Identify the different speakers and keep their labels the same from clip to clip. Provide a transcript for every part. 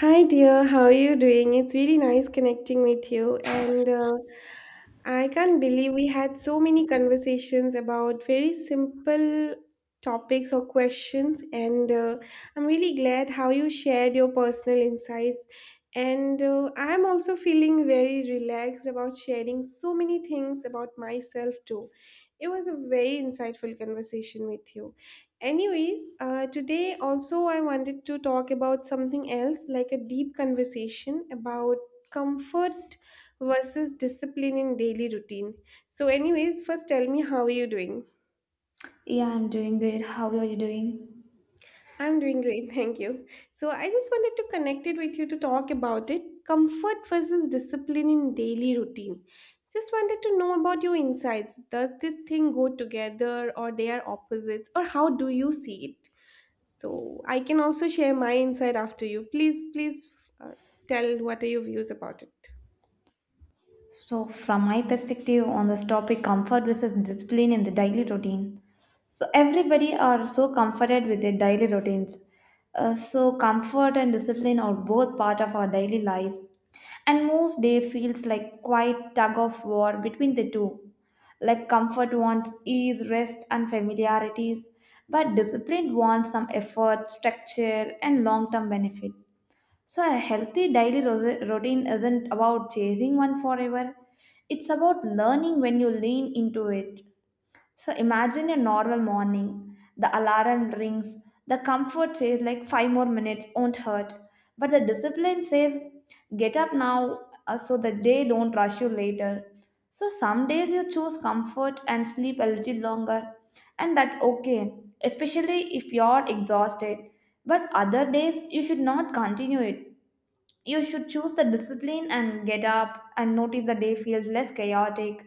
Speaker 1: Hi, dear. How are you doing? It's really nice connecting with you. And I can't believe we had so many conversations about very simple topics or questions. And I'm really glad how you shared your personal insights. And I'm also feeling very relaxed about sharing so many things about myself, too. It was a very insightful conversation with you. Anyways, today also I wanted to talk about something else, like a deep conversation about comfort versus discipline in daily routine. So, anyways, first tell me how are you doing?
Speaker 2: Yeah, I'm doing good. How are you doing?
Speaker 1: I'm doing great, thank you. So I just wanted to connect it with you to talk about it. Comfort versus discipline in daily routine. Just wanted to know about your insights. Does this thing go together or they are opposites or how do you see it? So I can also share my insight after you. Please, please uh, tell what are your views about it.
Speaker 2: So, from my perspective on this topic, comfort versus discipline in the daily routine. So, everybody are so comforted with their daily routines. So, comfort and discipline are both part of our daily life, and most days feels like quite tug of war between the two. Like comfort wants ease, rest, and familiarities, but discipline wants some effort, structure, and long-term benefit. So, a healthy daily routine isn't about chasing one forever, it's about learning when you lean into it. So, imagine a normal morning. The alarm rings, the comfort says, like, five more minutes won't hurt. But the discipline says, get up now so the day don't rush you later. So, some days you choose comfort and sleep a little longer, and that's okay, especially if you're exhausted. But other days you should not continue it, you should choose the discipline and get up and notice the day feels less chaotic.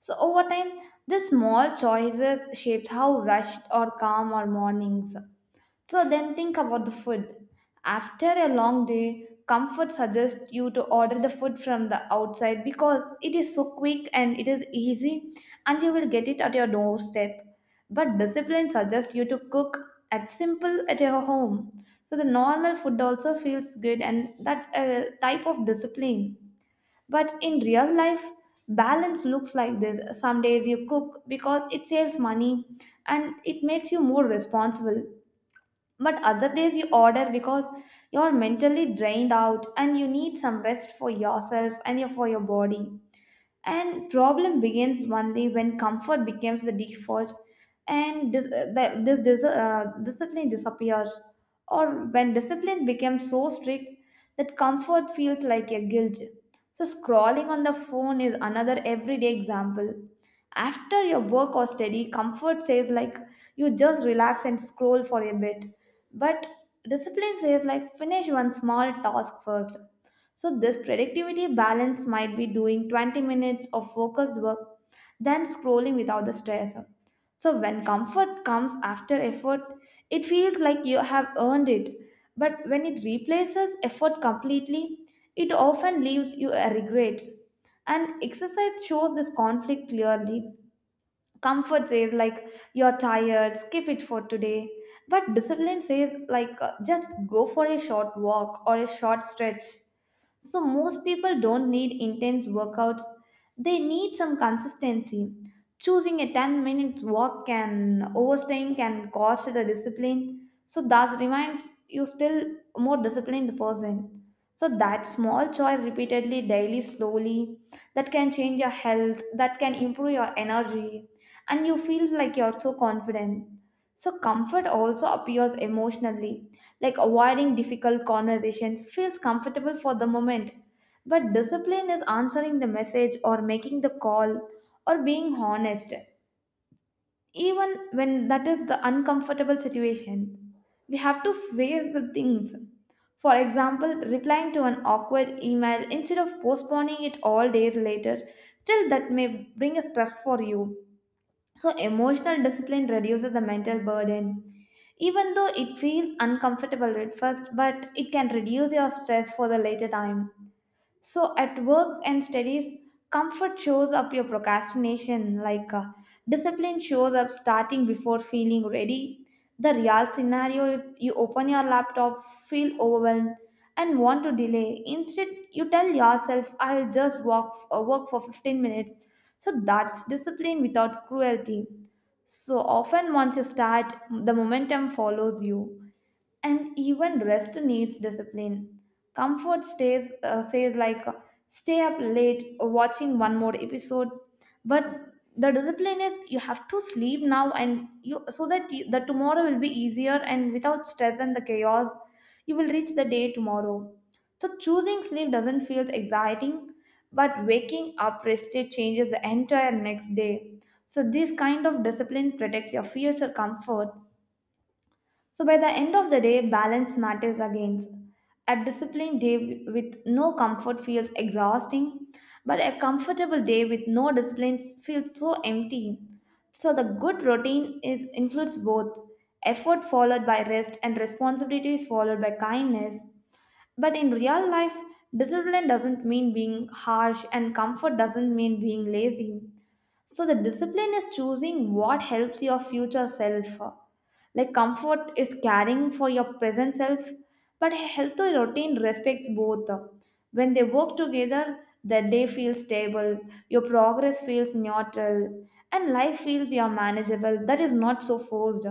Speaker 2: So over time, these small choices shapes how rushed or calm our mornings. So then think about the food. After a long day, comfort suggests you to order the food from the outside because it is so quick and it is easy and you will get it at your doorstep. But discipline suggests you to cook at simple at your home. So the normal food also feels good and that's a type of discipline. But in real life, balance looks like this. Some days you cook because it saves money and it makes you more responsible, but other days you order because you're mentally drained out and you need some rest for yourself and for your body. And problem begins one day when comfort becomes the default and discipline disappears, or when discipline becomes so strict that comfort feels like a guilt. So scrolling on the phone is another everyday example. After your work or study, comfort says like you just relax and scroll for a bit, but discipline says like finish one small task first. So, this productivity balance might be doing 20 minutes of focused work, then scrolling without the stress. So, when comfort comes after effort, it feels like you have earned it. But when it replaces effort completely, it often leaves you a regret. And exercise shows this conflict clearly. Comfort says, like, you're tired, skip it for today. But discipline says, like, just go for a short walk or a short stretch. So, most people don't need intense workouts, they need some consistency. Choosing a 10-minute walk can overstaying can cost the discipline. So, that reminds you still more disciplined person. So, that small choice repeatedly, daily, slowly, that can change your health, that can improve your energy, and you feel like you're so confident. So, comfort also appears emotionally, like avoiding difficult conversations feels comfortable for the moment. But discipline is answering the message or making the call or being honest. Even when that is the uncomfortable situation, we have to face the things. For example, replying to an awkward email instead of postponing it all days later, still that may bring a stress for you. So, emotional discipline reduces the mental burden. Even though it feels uncomfortable at first, but it can reduce your stress for the later time. So at work and studies, comfort shows up your procrastination, discipline shows up starting before feeling ready. The real scenario is you open your laptop, feel overwhelmed, and want to delay. Instead, you tell yourself, I will just work for 15 minutes. So that's discipline without cruelty. So often, once you start, the momentum follows you, and even rest needs discipline. Comfort stays says like stay up late watching one more episode, but the discipline is you have to sleep now and you, so that you, the tomorrow will be easier, and without stress and the chaos, you will reach the day tomorrow. So choosing sleep doesn't feel exciting, but waking up rested changes the entire next day. So this kind of discipline protects your future comfort, so by the end of the day, balance matters again. A disciplined day with no comfort feels exhausting, but a comfortable day with no discipline feels so empty. So the good routine is includes both, effort followed by rest, and responsibility is followed by kindness. But in real life, discipline doesn't mean being harsh and comfort doesn't mean being lazy. So the discipline is choosing what helps your future self. Like comfort is caring for your present self, but a healthy routine respects both. When they work together, the day feels stable, your progress feels neutral, and life feels your manageable. That is not so forced.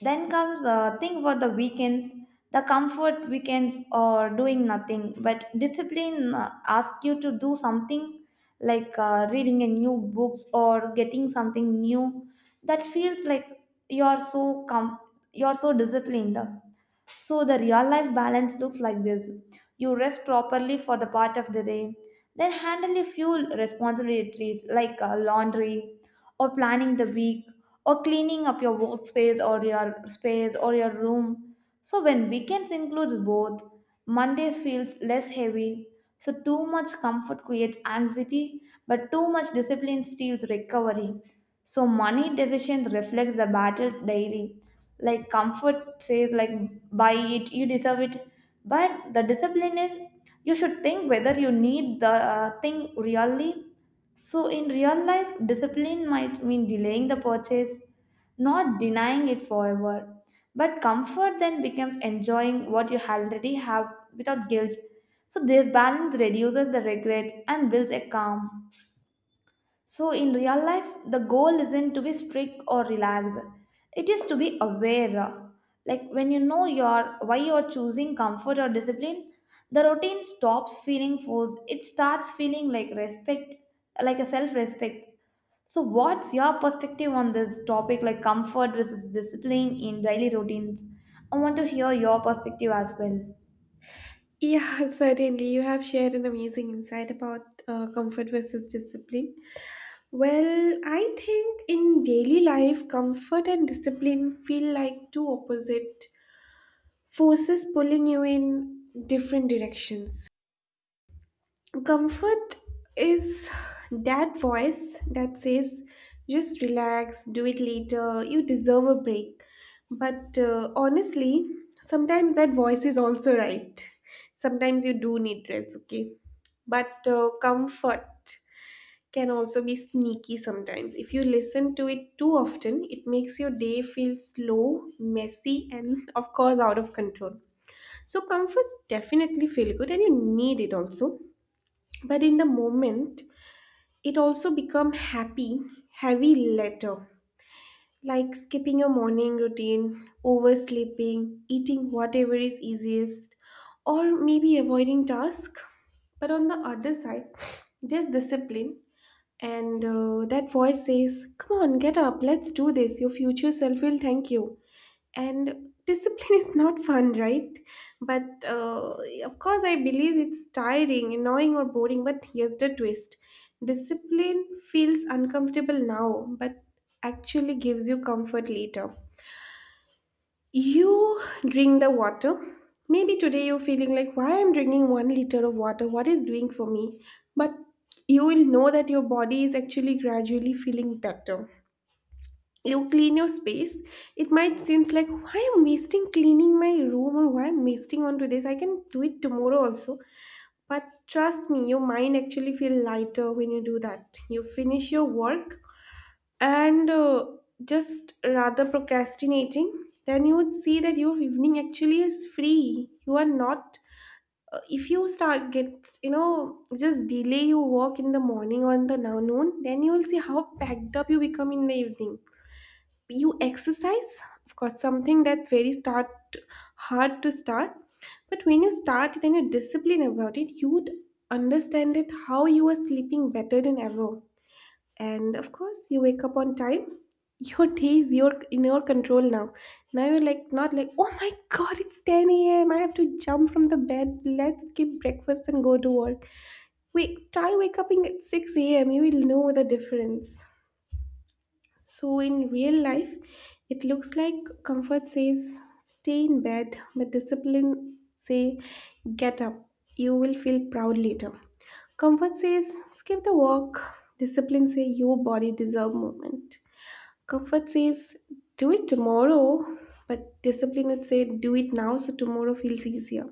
Speaker 2: Then comes Think about the weekends. The comfort weekends or doing nothing, but discipline asks you to do something like reading a new books or getting something new. That feels like you're so com- you're so disciplined. So the real life balance looks like this. You rest properly for the part of the day, then handle a few responsibilities like laundry, or planning the week or cleaning up your workspace or your space or your room. So when weekends includes both, Mondays feels less heavy. So too much comfort creates anxiety, but too much discipline steals recovery. So money decisions reflects the battle daily. Like comfort says like buy it, you deserve it. But the discipline is you should think whether you need the thing really. So, in real life, discipline might mean delaying the purchase, not denying it forever. But comfort then becomes enjoying what you already have without guilt. So, this balance reduces the regrets and builds a calm. So, in real life, the goal isn't to be strict or relaxed. It is to be aware. Like when you know your why you're choosing comfort or discipline, the routine stops feeling forced. It starts feeling like respect, like a self-respect. So, what's your perspective on this topic, like comfort versus discipline in daily routines? I want to hear your perspective as well.
Speaker 1: Yeah, certainly. You have shared an amazing insight about comfort versus discipline. Well, I think in daily life, comfort and discipline feel like two opposite forces pulling you in different directions. Comfort is that voice that says, just relax, do it later, you deserve a break. But honestly, sometimes that voice is also right. Sometimes you do need rest, okay? But comfort can also be sneaky sometimes. If you listen to it too often, it makes your day feel slow, messy, and of course, out of control. So, comforts definitely feel good and you need it also, but in the moment it also become happy heavy later, like skipping your morning routine, oversleeping, eating whatever is easiest, or maybe avoiding task. But on the other side, there's discipline, and that voice says, come on, get up, let's do this, your future self will thank you. And discipline is not fun, right? But of course I believe it's tiring, annoying, or boring, but here's the twist. Discipline feels uncomfortable now but actually gives you comfort later. You drink the water. Maybe today you're feeling like, why I'm drinking 1 liter of water, what is doing for me? But you will know that your body is actually gradually feeling better. You clean your space. It might seems like, why I'm wasting cleaning my room, or why I'm wasting onto this, I can do it tomorrow also. But trust me, your mind actually feel lighter when you do that. You finish your work, and just rather procrastinating, then you would see that your evening actually is free. You are not, if you start get just delay your work in the morning or in the now noon, then you will see how packed up you become in the evening. You exercise, of course something that's very start hard to start, but when you start it and you discipline about it, you would understand it how you are sleeping better than ever. And of course you wake up on time. Your day is your in your control now. Now you're like not like, oh my god, it's 10 a.m, I have to jump from the bed, let's skip breakfast and go to work. Wait, try waking up at 6 a.m, you will know the difference. So in real life, it looks like, comfort says stay in bed, but discipline say get up. You will feel proud later. Comfort says skip the walk. Discipline say your body deserve movement. Comfort says do it tomorrow, but discipline would say do it now so tomorrow feels easier.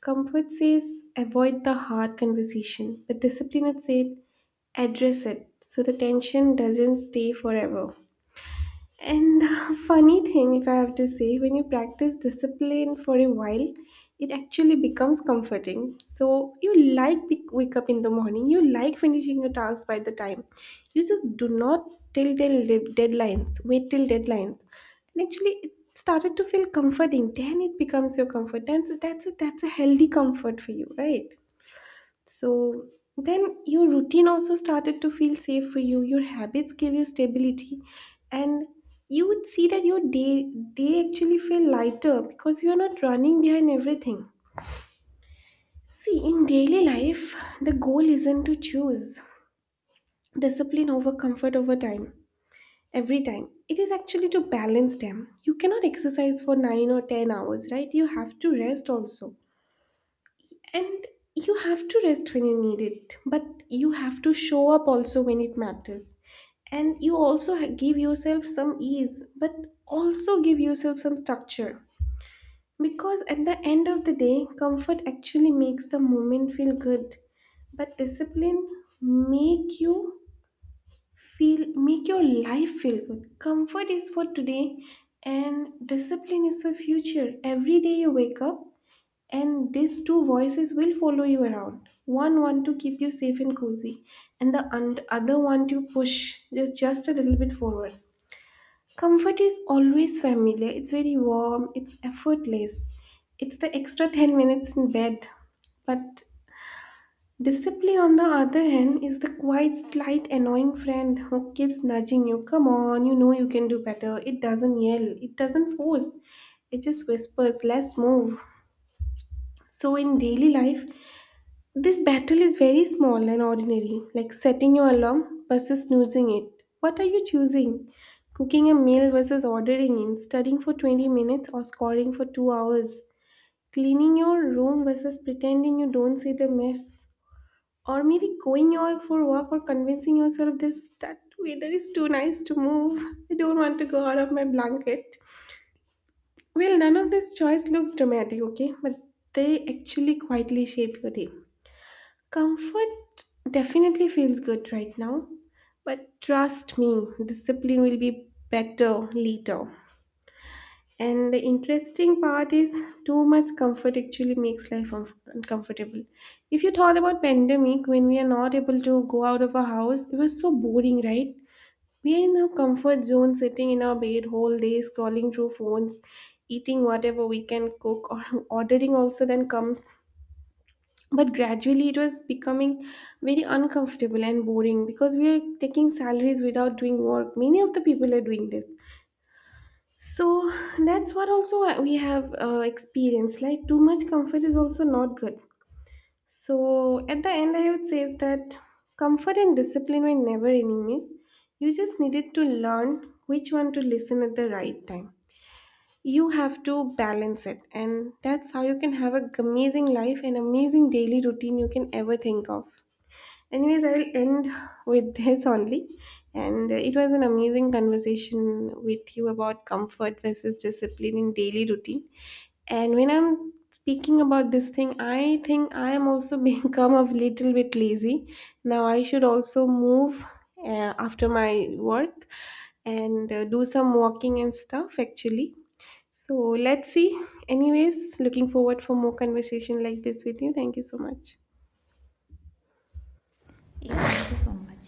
Speaker 1: Comfort says avoid the hard conversation, but discipline would say address it so the tension doesn't stay forever. And the funny thing, if I have to say, when you practice discipline for a while, it actually becomes comforting. So you like wake up in the morning, you like finishing your tasks by the time. You just do not till deadlines, wait till deadlines. And actually, it started to feel comforting. Then it becomes your comfort. That's a healthy comfort for you, right? So then your routine also started to feel safe for you. Your habits gave you stability, and you would see that your day actually feel lighter because you're not running behind everything. See, in daily life, the goal isn't to choose discipline over comfort over time. Every time. It is actually to balance them. You cannot exercise for 9 or 10 hours, right? You have to rest also. And you have to rest when you need it, but you have to show up also when it matters. And you also give yourself some ease, but also give yourself some structure. Because at the end of the day, comfort actually makes the moment feel good, but discipline make you feel, make your life feel good. Comfort is for today and discipline is for future. Every day you wake up, and these two voices will follow you around. One want to keep you safe and cozy, and the other one to push you just a little bit forward. Comfort is always familiar. It's very warm. It's effortless. It's the extra 10 minutes in bed. But discipline, on the other hand, is the quiet, slight, annoying friend who keeps nudging you. Come on, you know you can do better. It doesn't yell, it doesn't force, it just whispers, let's move. So, in daily life, this battle is very small and ordinary, like setting your alarm versus snoozing it. What are you choosing? Cooking a meal versus ordering in, studying for 20 minutes or scoring for 2 hours, cleaning your room versus pretending you don't see the mess, or maybe going out for walk, or convincing yourself this that weather is too nice to move. I don't want to go out of my blanket. Well, none of this choice looks dramatic, okay? But they actually quietly shape your day. Comfort definitely feels good right now, but trust me, discipline will be better later. And the interesting part is too much comfort actually makes life uncomfortable. If you thought about pandemic when we are not able to go out of our house, it was so boring, right? We are in our comfort zone sitting in our bed whole day scrolling through phones, eating whatever we can cook or ordering also then comes, but gradually it was becoming very uncomfortable and boring because we are taking salaries without doing work, many of the people are doing this. So that's what also we have experienced, like too much comfort is also not good. So at the end I would say is that comfort and discipline were never enemies. You just needed to learn which one to listen at the right time. You have to balance it, and that's how you can have a amazing life and amazing daily routine you can ever think of. Anyways, I will end with this only. And it was an amazing conversation with you about comfort versus discipline in daily routine. And when I'm speaking about this thing, I think I am also become a little bit lazy. Now I should also move after my work, and do some walking and stuff actually. So let's see. Anyways, looking forward for more conversation like this with you. Thank you so much.
Speaker 2: Yeah, thank you so much.